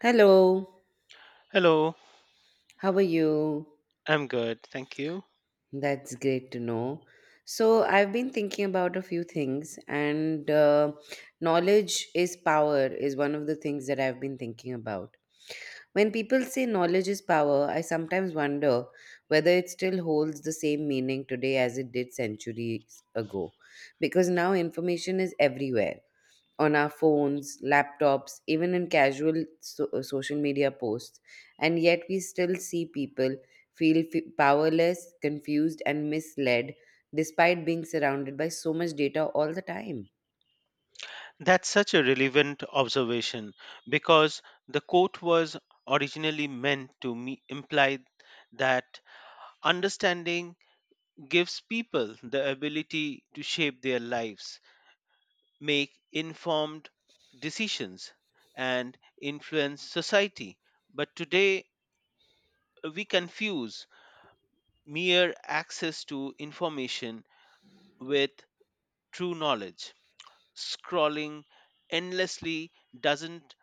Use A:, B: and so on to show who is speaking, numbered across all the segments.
A: Hello,
B: Hello,
A: how are you?
B: I'm good, thank you.
A: That's great to know. So, I've been thinking about a few things, and knowledge is power is one of the things that I've been thinking about. When people say knowledge is power, I sometimes wonder whether it still holds the same meaning today as it did centuries ago, because now information is everywhere on our phones, laptops, even in casual social media posts. And yet, we still see people feel powerless, confused, and misled despite being surrounded by so much data all the time.
B: That's such a relevant observation because the quote was originally meant to imply that understanding gives people the ability to shape their lives, make informed decisions, and influence society. But today, we confuse mere access to information with true knowledge. Scrolling endlessly doesn't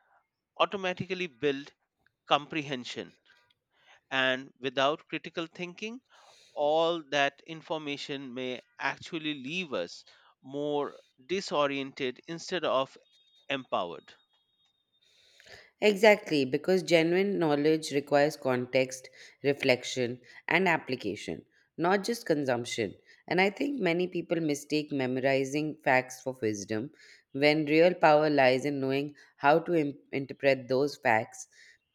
B: automatically build comprehension. And without critical thinking, all that information may actually leave us more disoriented instead of empowered.
A: Exactly, because genuine knowledge requires context, reflection, and application, not just consumption. And I think many people mistake memorizing facts for wisdom when real power lies in knowing how to interpret those facts,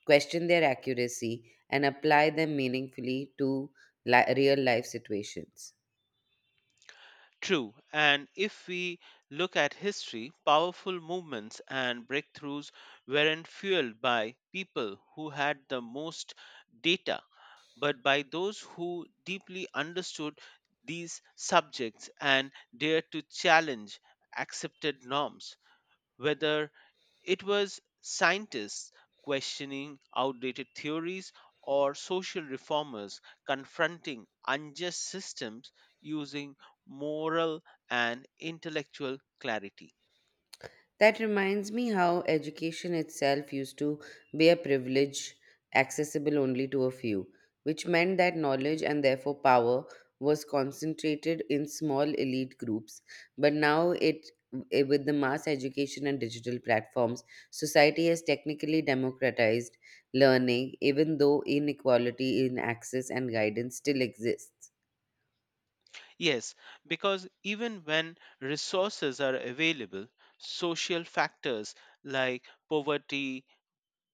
A: question their accuracy, and apply them meaningfully to real life situations.
B: True, and if we look at history, powerful movements and breakthroughs weren't fueled by people who had the most data, but by those who deeply understood these subjects and dared to challenge accepted norms, whether it was scientists questioning outdated theories or social reformers confronting unjust systems using moral and intellectual clarity.
A: That reminds me how education itself used to be a privilege accessible only to a few, which meant that knowledge and therefore power was concentrated in small elite groups. But now with the mass education and digital platforms, society has technically democratized learning, even though inequality in access and guidance still exists.
B: Yes, because even when resources are available, social factors like poverty,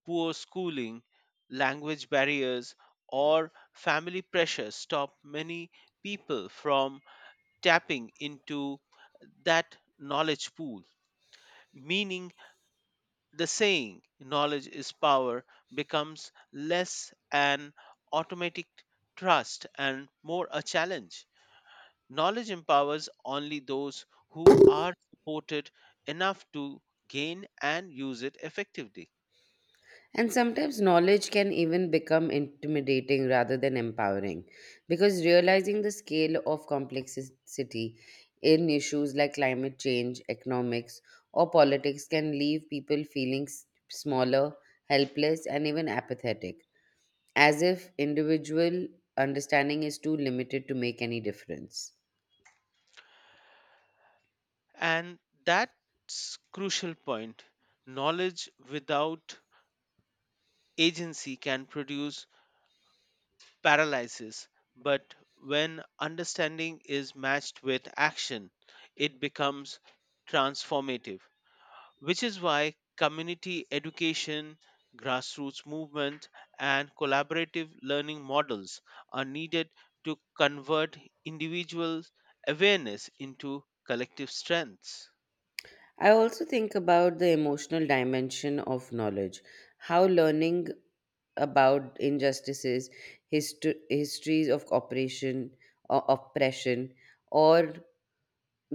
B: poor schooling, language barriers, or family pressure stop many people from tapping into that knowledge pool, meaning the saying knowledge is power becomes less an automatic trust and more a challenge. Knowledge empowers only those who are supported enough to gain and use it effectively.
A: And sometimes knowledge can even become intimidating rather than empowering because realizing the scale of complexity in issues like climate change, economics, or politics can leave people feeling smaller, helpless, and even apathetic, as if individual understanding is too limited to make any difference.
B: And that's crucial point. Knowledge without agency can produce paralysis, but when understanding is matched with action, it becomes transformative, which is why community education, grassroots movement, and collaborative learning models are needed to convert individual awareness into collective strengths.
A: I also think about the emotional dimension of knowledge, how learning about injustices, histories of operation, oppression, or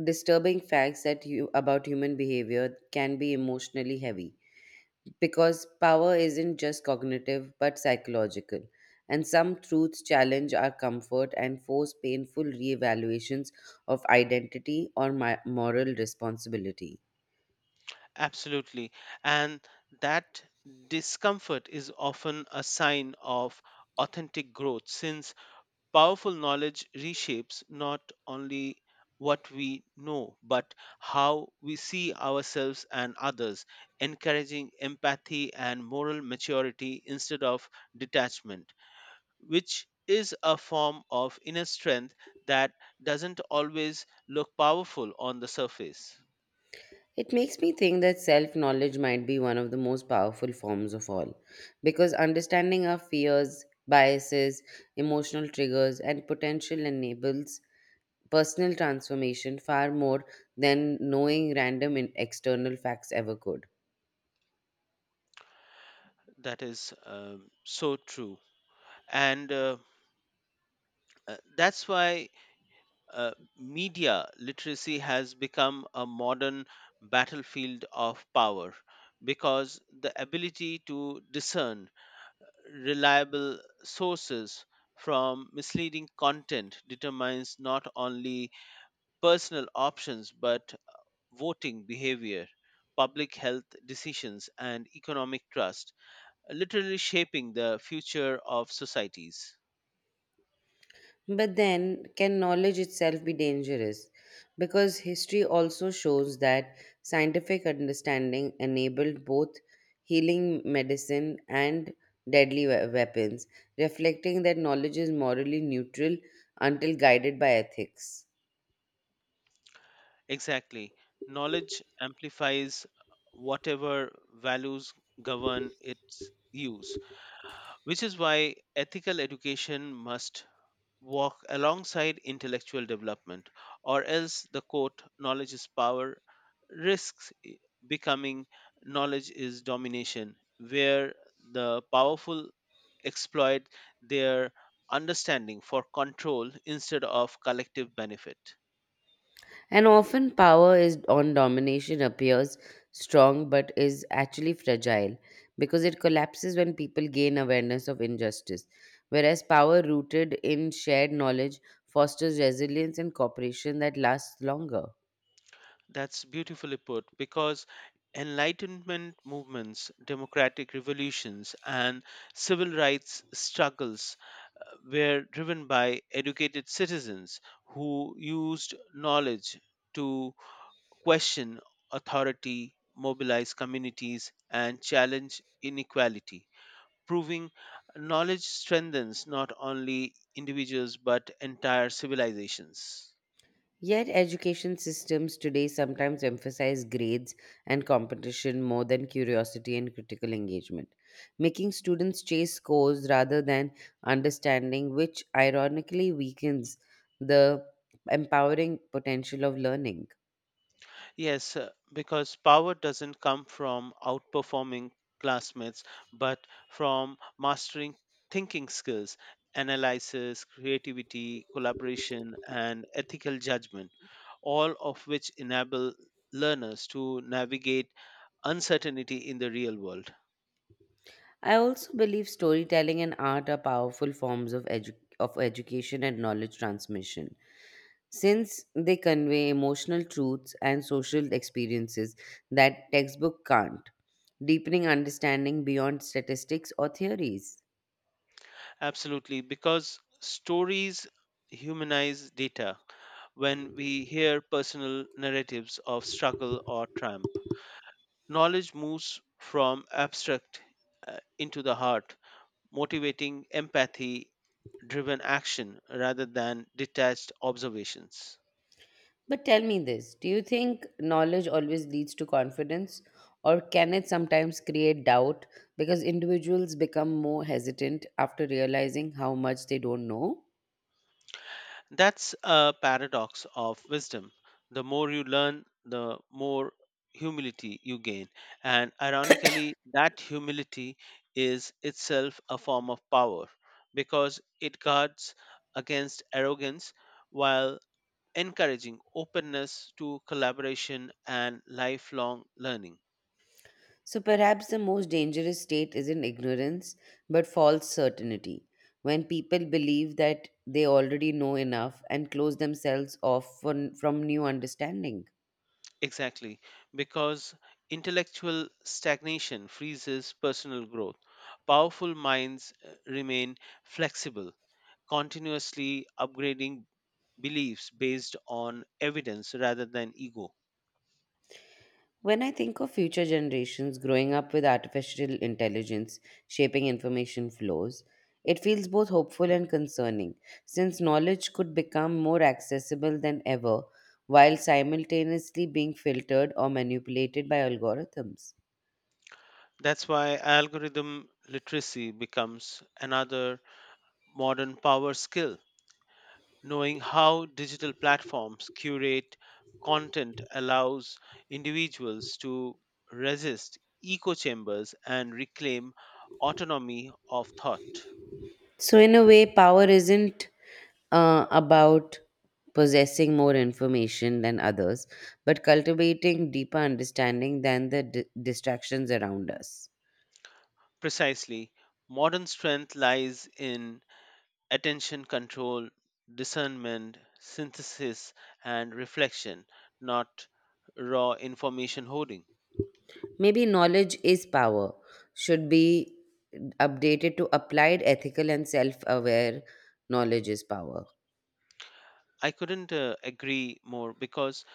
A: disturbing facts that you about human behavior can be emotionally heavy, because power isn't just cognitive but psychological, and some truths challenge our comfort and force painful reevaluations of identity or my moral responsibility.
B: Absolutely. And that discomfort is often a sign of authentic growth since powerful knowledge reshapes not only what we know, but how we see ourselves and others, encouraging empathy and moral maturity instead of detachment, which is a form of inner strength that doesn't always look powerful on the surface.
A: It makes me think that self knowledge might be one of the most powerful forms of all, because understanding our fears, biases, emotional triggers, and potential enables personal transformation far more than knowing random external facts ever could.
B: That is so true. And that's why uh, media literacy has become a modern battlefield of power because the ability to discern reliable sources from misleading content determines not only personal options but voting behavior, public health decisions, and economic trust, literally shaping the future of societies.
A: But then, can knowledge itself be dangerous? Because history also shows that scientific understanding enabled both healing medicine and deadly weapons, reflecting that knowledge is morally neutral until guided by ethics.
B: Exactly. Knowledge amplifies whatever values govern its use, which is why ethical education must walk alongside intellectual development, or else the quote, knowledge is power, risks becoming knowledge is domination, where the powerful exploit their understanding for control instead of collective benefit.
A: And often power is on domination appears strong but is actually fragile because it collapses when people gain awareness of injustice. Whereas power rooted in shared knowledge fosters resilience and cooperation that lasts longer.
B: That's beautifully put because enlightenment movements, democratic revolutions, and civil rights struggles were driven by educated citizens who used knowledge to question authority, mobilize communities, and challenge inequality. Proving knowledge strengthens not only individuals but entire civilizations.
A: Yet, education systems today sometimes emphasize grades and competition more than curiosity and critical engagement, making students chase scores rather than understanding, which ironically weakens the empowering potential of learning.
B: Yes, because power doesn't come from outperforming classmates, but from mastering thinking skills, analysis, creativity, collaboration, and ethical judgment, all of which enable learners to navigate uncertainty in the real world.
A: I also believe storytelling and art are powerful forms of, of education and knowledge transmission, since they convey emotional truths and social experiences that textbook can't, deepening understanding beyond statistics or theories.
B: Absolutely, because stories humanize data when we hear personal narratives of struggle or triumph. Knowledge moves from abstract into the heart, motivating empathy driven action rather than detached observations.
A: But tell me this, do you think knowledge always leads to confidence, or can it sometimes create doubt because individuals become more hesitant after realizing how much they don't know?
B: That's a paradox of wisdom. The more you learn, the more humility you gain. And ironically, that humility is itself a form of power because it guards against arrogance while encouraging openness to collaboration and lifelong learning.
A: So perhaps the most dangerous state isn't ignorance, but false certainty, when people believe that they already know enough and close themselves off from new understanding.
B: Exactly, because intellectual stagnation freezes personal growth. Powerful minds remain flexible, continuously upgrading beliefs based on evidence rather than ego.
A: When I think of future generations growing up with artificial intelligence shaping information flows, it feels both hopeful and concerning, since knowledge could become more accessible than ever while simultaneously being filtered or manipulated by algorithms.
B: That's why algorithm literacy becomes another modern power skill. Knowing how digital platforms curate content allows individuals to resist echo chambers and reclaim autonomy of thought.
A: So, in a way, power isn't about possessing more information than others, but cultivating deeper understanding than the distractions around us.
B: Precisely, modern strength lies in attention control, discernment, synthesis, and reflection, not raw information hoarding.
A: Maybe knowledge is power should be updated to applied ethical and self aware knowledge is power.
B: I couldn't agree more because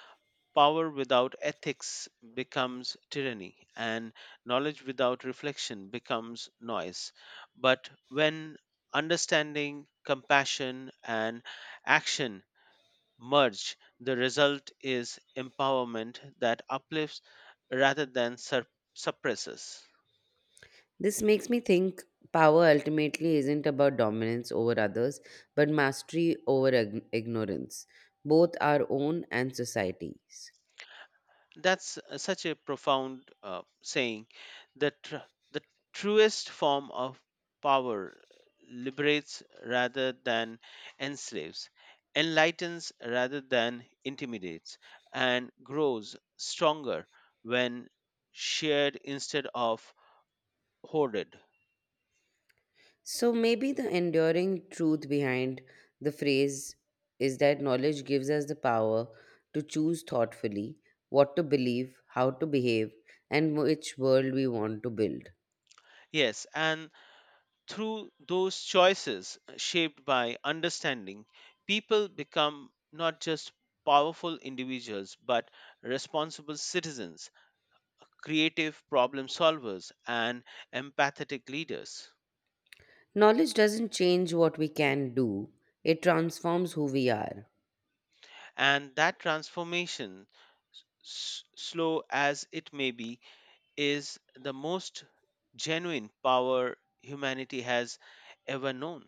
B: power without ethics becomes tyranny, and knowledge without reflection becomes noise. But when understanding, compassion, and action merge, the result is empowerment that uplifts rather than suppresses.
A: This makes me think power ultimately isn't about dominance over others, but mastery over ignorance, both our own and society's.
B: That's such a profound saying that the truest form of power liberates rather than enslaves, enlightens rather than intimidates, and grows stronger when shared instead of hoarded.
A: So maybe the enduring truth behind the phrase is that knowledge gives us the power to choose thoughtfully what to believe, how to behave, and which world we want to build.
B: Yes, and through those choices shaped by understanding, people become not just powerful individuals but responsible citizens, creative problem solvers, and empathetic leaders.
A: Knowledge doesn't change what we can do, it transforms who we are.
B: And that transformation, slow as it may be, is the most genuine power humanity has ever known.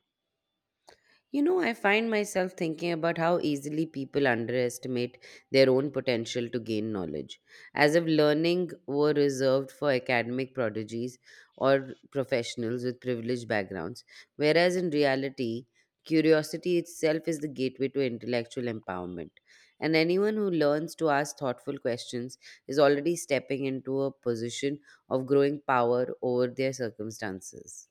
A: You know, I find myself thinking about how easily people underestimate their own potential to gain knowledge, as if learning were reserved for academic prodigies or professionals with privileged backgrounds, whereas in reality, curiosity itself is the gateway to intellectual empowerment. And anyone who learns to ask thoughtful questions is already stepping into a position of growing power over their circumstances.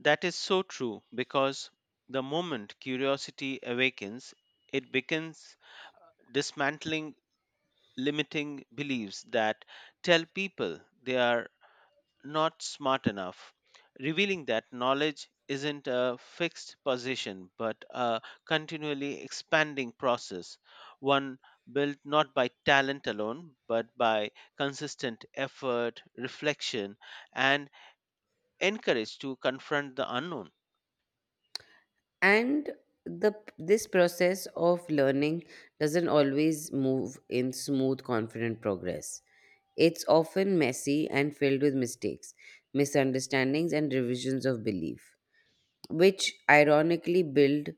B: That is so true because the moment curiosity awakens, it begins dismantling limiting beliefs that tell people they are not smart enough, revealing that knowledge isn't a fixed position but a continually expanding process, one built not by talent alone but by consistent effort, reflection, and encouraged to confront the unknown.
A: And the this process of learning doesn't always move in smooth confident progress. It's often messy and filled with mistakes, misunderstandings, and revisions of belief, which ironically build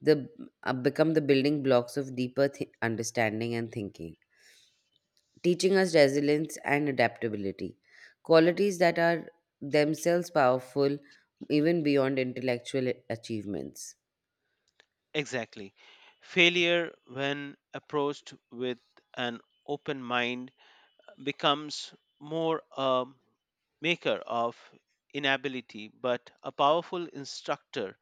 A: the become the building blocks of deeper understanding and thinking, teaching us resilience and adaptability, qualities that are themselves powerful even beyond intellectual achievements.
B: Exactly. Failure, when approached with an open mind, becomes more a maker of inability but a powerful instructor,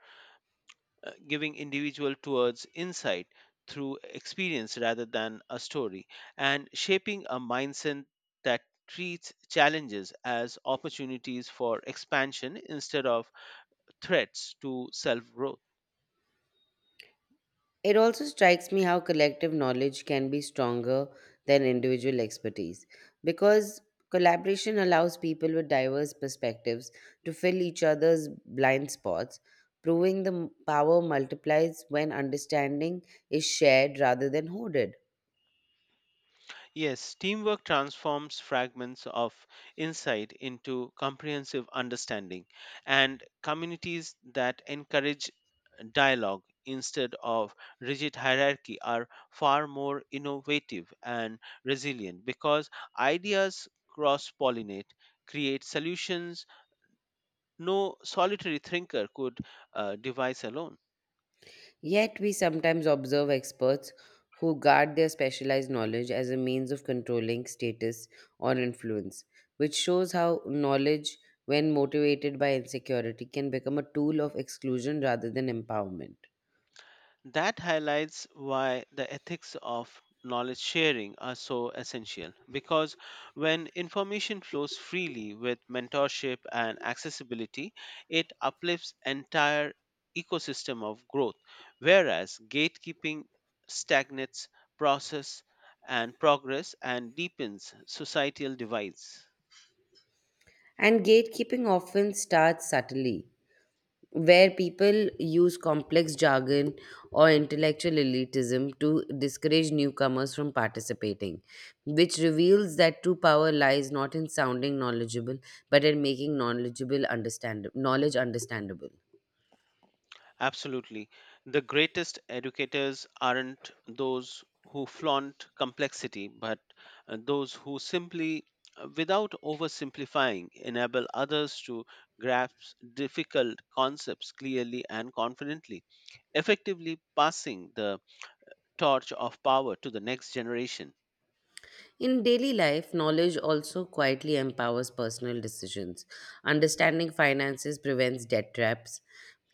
B: giving individual towards insight through experience rather than a story and shaping a mindset that treats challenges as opportunities for expansion instead of threats to self growth.
A: It also strikes me how collective knowledge can be stronger than individual expertise, because collaboration allows people with diverse perspectives to fill each other's blind spots, proving the power multiplies when understanding is shared rather than hoarded.
B: Yes, teamwork transforms fragments of insight into comprehensive understanding, and communities that encourage dialogue instead of rigid hierarchy are far more innovative and resilient because ideas cross pollinate, create solutions no solitary thinker could devise alone.
A: Yet, we sometimes observe experts who guard their specialized knowledge as a means of controlling status or influence, which shows how knowledge, when motivated by insecurity, can become a tool of exclusion rather than empowerment.
B: That highlights why the ethics of knowledge sharing are so essential because when information flows freely with mentorship and accessibility, it uplifts entire ecosystem of growth, whereas gatekeeping stagnates process and progress and deepens societal divides.
A: And gatekeeping often starts subtly, where people use complex jargon or intellectual elitism to discourage newcomers from participating, which reveals that true power lies not in sounding knowledgeable, but in making knowledgeable understand knowledge understandable.
B: Absolutely. The greatest educators aren't those who flaunt complexity, but those who simply, without oversimplifying, enable others to grasp difficult concepts clearly and confidently, effectively passing the torch of power to the next generation,
A: In daily life, knowledge also quietly empowers personal decisions. Understanding finances prevents debt traps.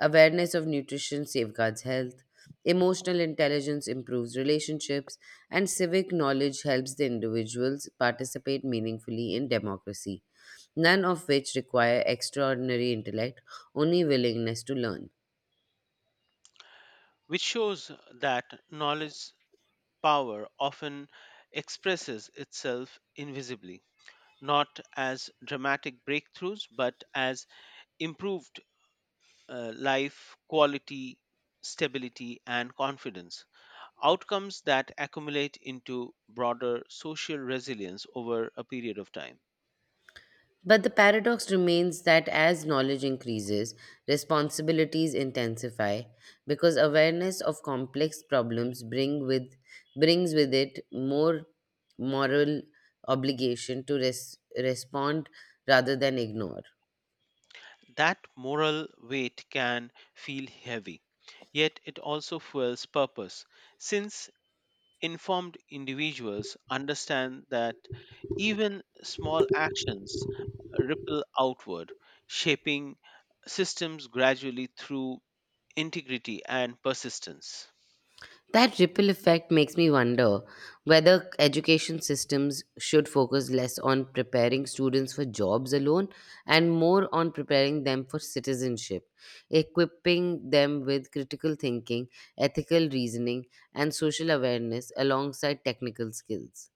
A: Awareness of nutrition safeguards health. Emotional intelligence improves relationships. And civic knowledge helps the individuals participate meaningfully in democracy, none of which require extraordinary intellect, only willingness to learn.
B: which shows that knowledge power often expresses itself invisibly, not as dramatic breakthroughs, but as improved life quality, stability, and confidence, outcomes that accumulate into broader social resilience over a period of time.
A: But the paradox remains that as knowledge increases, responsibilities intensify, because awareness of complex problems brings with it more moral obligation to respond rather than ignore.
B: That moral weight can feel heavy, yet it also fuels purpose, since informed individuals understand that even small actions ripple outward, shaping systems gradually through integrity and persistence.
A: That ripple effect makes me wonder whether education systems should focus less on preparing students for jobs alone and more on preparing them for citizenship, equipping them with critical thinking, ethical reasoning, and social awareness alongside technical skills.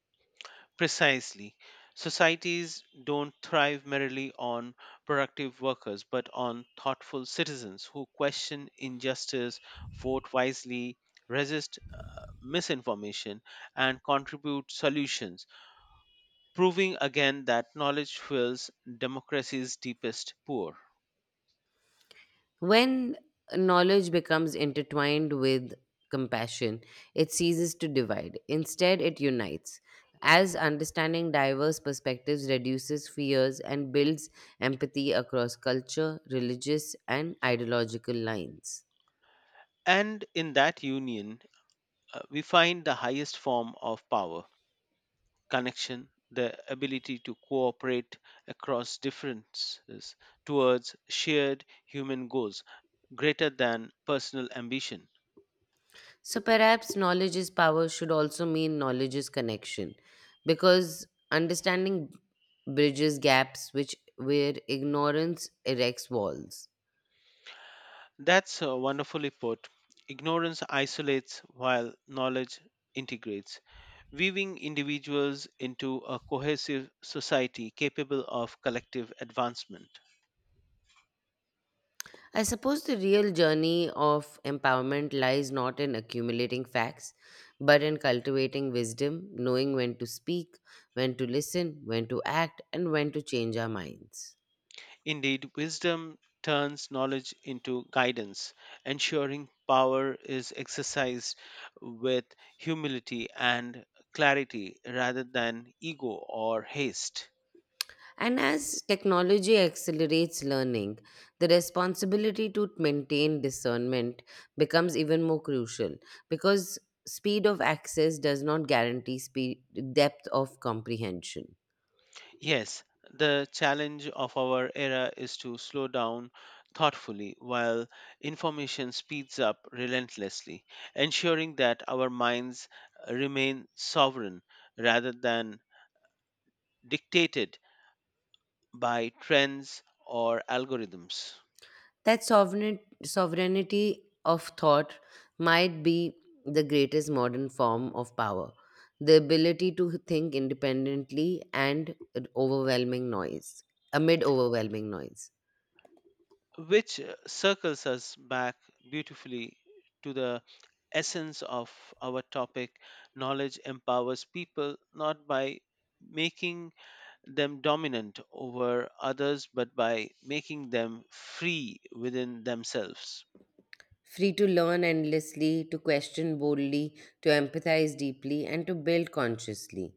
B: Precisely. Societies don't thrive merely on productive workers, but on thoughtful citizens who question injustice, vote wisely, resist misinformation, and contribute solutions, proving again that knowledge fuels democracy's deepest core.
A: When knowledge becomes intertwined with compassion, it ceases to divide. Instead, it unites, as understanding diverse perspectives reduces fears and builds empathy across culture, religious, and ideological lines.
B: And in that union, we find the highest form of power connection, the ability to cooperate across differences towards shared human goals greater than personal ambition.
A: So perhaps knowledge is power should also mean knowledge is connection, because understanding bridges gaps which where ignorance erects walls.
B: That's wonderfully put. Ignorance isolates while knowledge integrates, weaving individuals into a cohesive society capable of collective advancement.
A: I suppose the real journey of empowerment lies not in accumulating facts, but in cultivating wisdom, knowing when to speak, when to listen, when to act, and when to change our minds.
B: Indeed, wisdom turns knowledge into guidance, ensuring power is exercised with humility and clarity rather than ego or haste.
A: And as technology accelerates learning, the responsibility to maintain discernment becomes even more crucial, because speed of access does not guarantee speed, depth of comprehension.
B: Yes, the challenge of our era is to slow down thoughtfully while information speeds up relentlessly, ensuring that our minds remain sovereign rather than dictated by trends or algorithms.
A: That sovereignty of thought might be the greatest modern form of power, the ability to think independently and overwhelming noise, amid overwhelming noise.
B: Which circles us back beautifully to the essence of our topic, knowledge empowers people not by making them dominant over others but by making them free within themselves.
A: Free to learn endlessly, to question boldly, to empathize deeply, and to build consciously.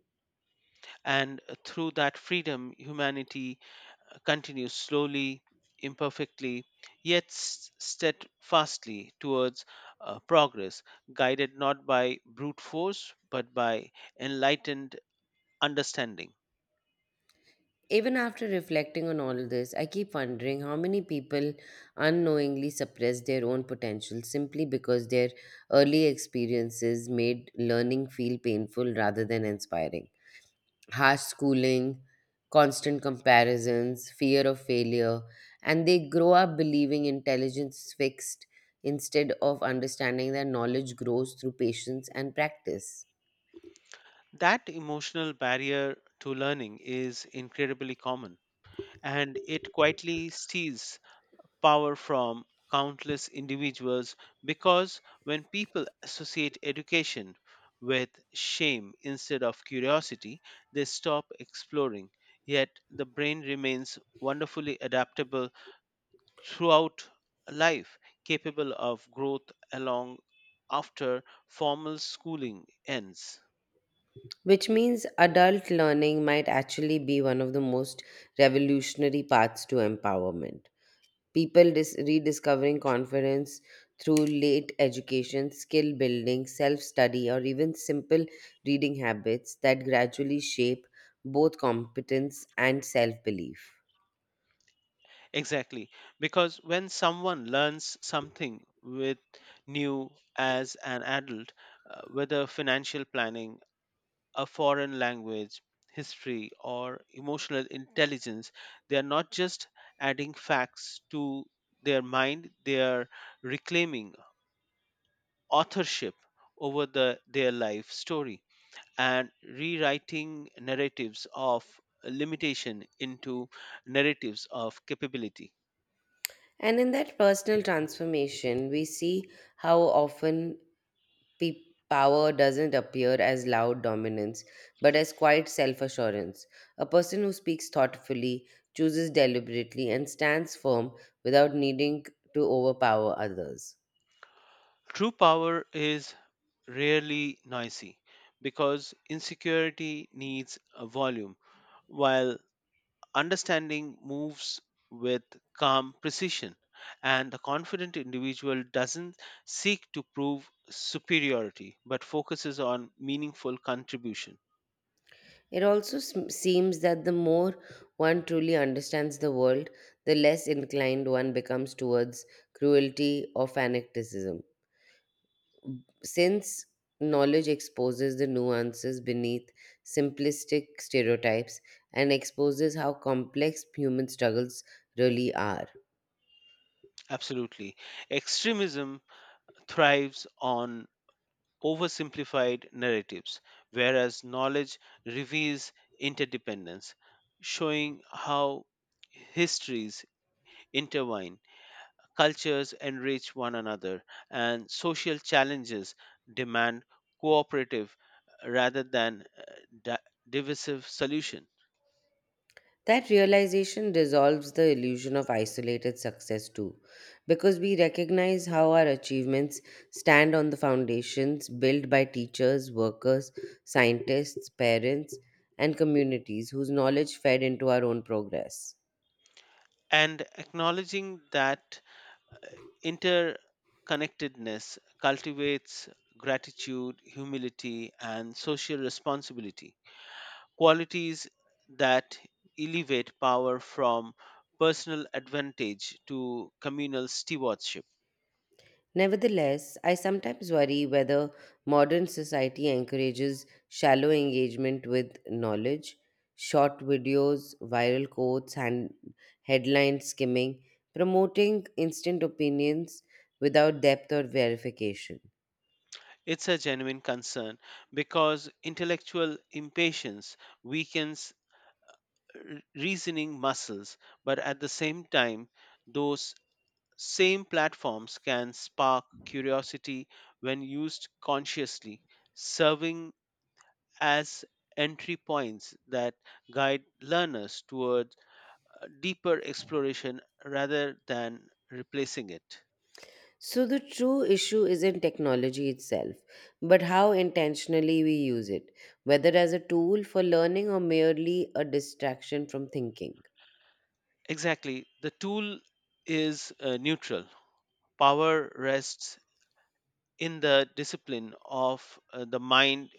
B: And through that freedom humanity continues slowly, imperfectly, yet steadfastly towards progress, guided not by brute force but by enlightened understanding.
A: Even after reflecting on all this, I keep wondering how many people unknowingly suppress their own potential simply because their early experiences made learning feel painful rather than inspiring. Harsh schooling, constant comparisons, fear of failure, and they grow up believing intelligence is fixed instead of understanding that knowledge grows through patience and practice.
B: That emotional barrier to learning is incredibly common, and it quietly steals power from countless individuals because when people associate education with shame instead of curiosity, they stop exploring. Yet the brain remains wonderfully adaptable throughout life, capable of growth along after formal schooling ends.
A: Which means adult learning might actually be one of the most revolutionary paths to empowerment. People rediscovering confidence through late education, skill building, self study, or even simple reading habits that gradually shape both competence and self belief.
B: Exactly, because when someone learns something with new as an adult, whether financial planning, a foreign language, history, or emotional intelligence. They are not just adding facts to their mind, they are reclaiming authorship over the, their life story and rewriting narratives of limitation into narratives of capability.
A: And in that personal transformation, we see how often pe- power doesn't appear as loud dominance, but as quiet self assurance. A person who speaks thoughtfully, chooses deliberately, and stands firm without needing to overpower others.
B: True power is rarely noisy because insecurity needs a volume while understanding moves with calm precision, and the confident individual doesn't seek to prove superiority but focuses on meaningful contribution.
A: It also seems that the more one truly understands the world, the less inclined one becomes towards cruelty or fanaticism, since knowledge exposes the nuances beneath simplistic stereotypes and exposes how complex human struggles really are.
B: Absolutely. Extremism thrives on oversimplified narratives, whereas knowledge reveals interdependence, showing how histories intertwine cultures enrich one another, and social challenges demand cooperative rather than di- divisive solution.
A: That realization dissolves the illusion of isolated success too, because we recognize how our achievements stand on the foundations built by teachers, workers, scientists, parents, and communities whose knowledge fed into our own progress.
B: And acknowledging that interconnectedness cultivates gratitude, humility, and social responsibility. Qualities that elevate power from personal advantage to communal stewardship.
A: Nevertheless, I sometimes worry whether modern society encourages shallow engagement with knowledge, short videos, viral quotes, and headline skimming, promoting instant opinions without depth or verification.
B: It's a genuine concern because intellectual impatience weakens reasoning muscles, but at the same time, those same platforms can spark curiosity when used consciously, serving as entry points that guide learners towards deeper exploration rather than replacing it.
A: So, the true issue isn't technology itself, but how intentionally we use it, whether as a tool for learning or merely a distraction from thinking.
B: Exactly, the tool is neutral. Power rests in the discipline of the mind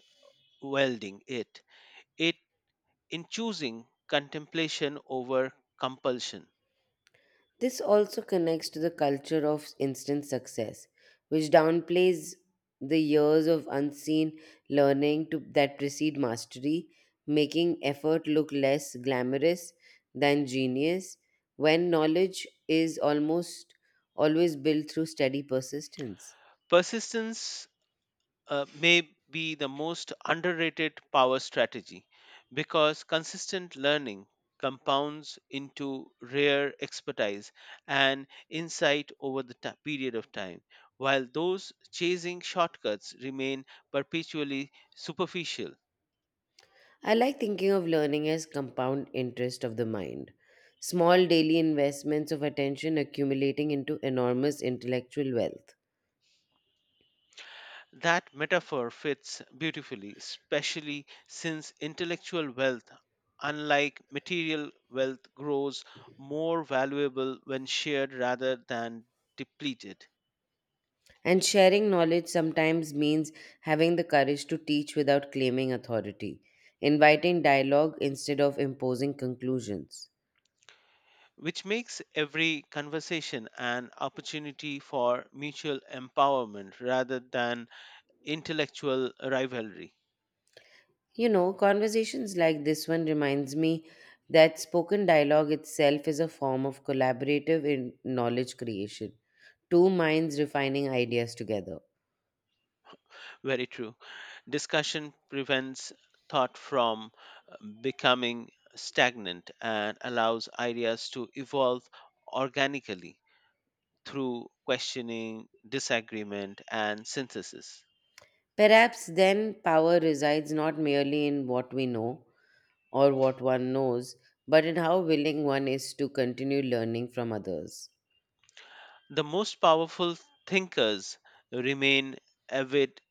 B: welding it. It in choosing contemplation over compulsion.
A: This also connects to the culture of instant success, which downplays the years of unseen that precede mastery, making effort look less glamorous than genius, when knowledge is almost always built through steady persistence.
B: Persistence may be the most underrated power strategy because consistent learning compounds into rare expertise and insight over the period of time, while those chasing shortcuts remain perpetually superficial.
A: I like thinking of learning as compound interest of the mind, small daily investments of attention accumulating into enormous intellectual wealth.
B: That metaphor fits beautifully, especially since intellectual wealth, unlike material wealth, grows more valuable when shared rather than depleted.
A: And sharing knowledge sometimes means having the courage to teach without claiming authority, inviting dialogue instead of imposing conclusions.
B: Which makes every conversation an opportunity for mutual empowerment rather than intellectual rivalry.
A: You know, conversations like this one reminds me that spoken dialogue itself is a form of collaborative in knowledge creation, two minds refining ideas together.
B: Very true. Discussion prevents thought from uh, becoming stagnant and allows ideas to evolve organically through questioning, disagreement, and synthesis.
A: Perhaps then power resides not merely in what we know or what one knows, but in how willing one is to continue learning from others,
B: The most powerful thinkers remain avid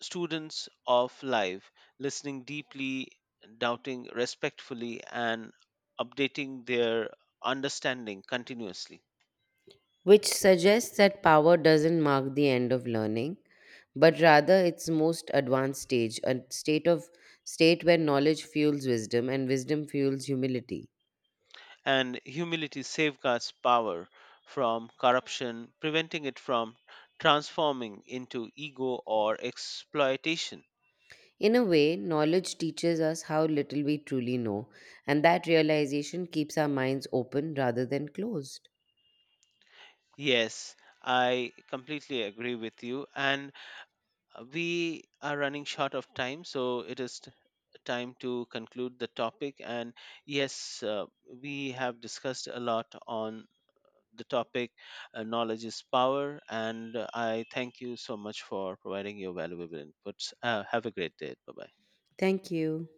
B: students of life, listening deeply, doubting respectfully, and updating their understanding continuously.
A: which suggests that power doesn't mark the end of learning, but rather its most advanced stage, a state where knowledge fuels wisdom and wisdom fuels humility.
B: And humility safeguards power from corruption, preventing it from transforming into ego or exploitation.
A: In a way, knowledge teaches us how little we truly know, and that realization keeps our minds open rather than closed.
B: Yes, I completely agree with you. And we are running short of time, so it is time to conclude the topic. And yes, we have discussed a lot on the topic knowledge is power. And I thank you so much for providing your valuable inputs. Have a great day. Bye bye.
A: Thank you.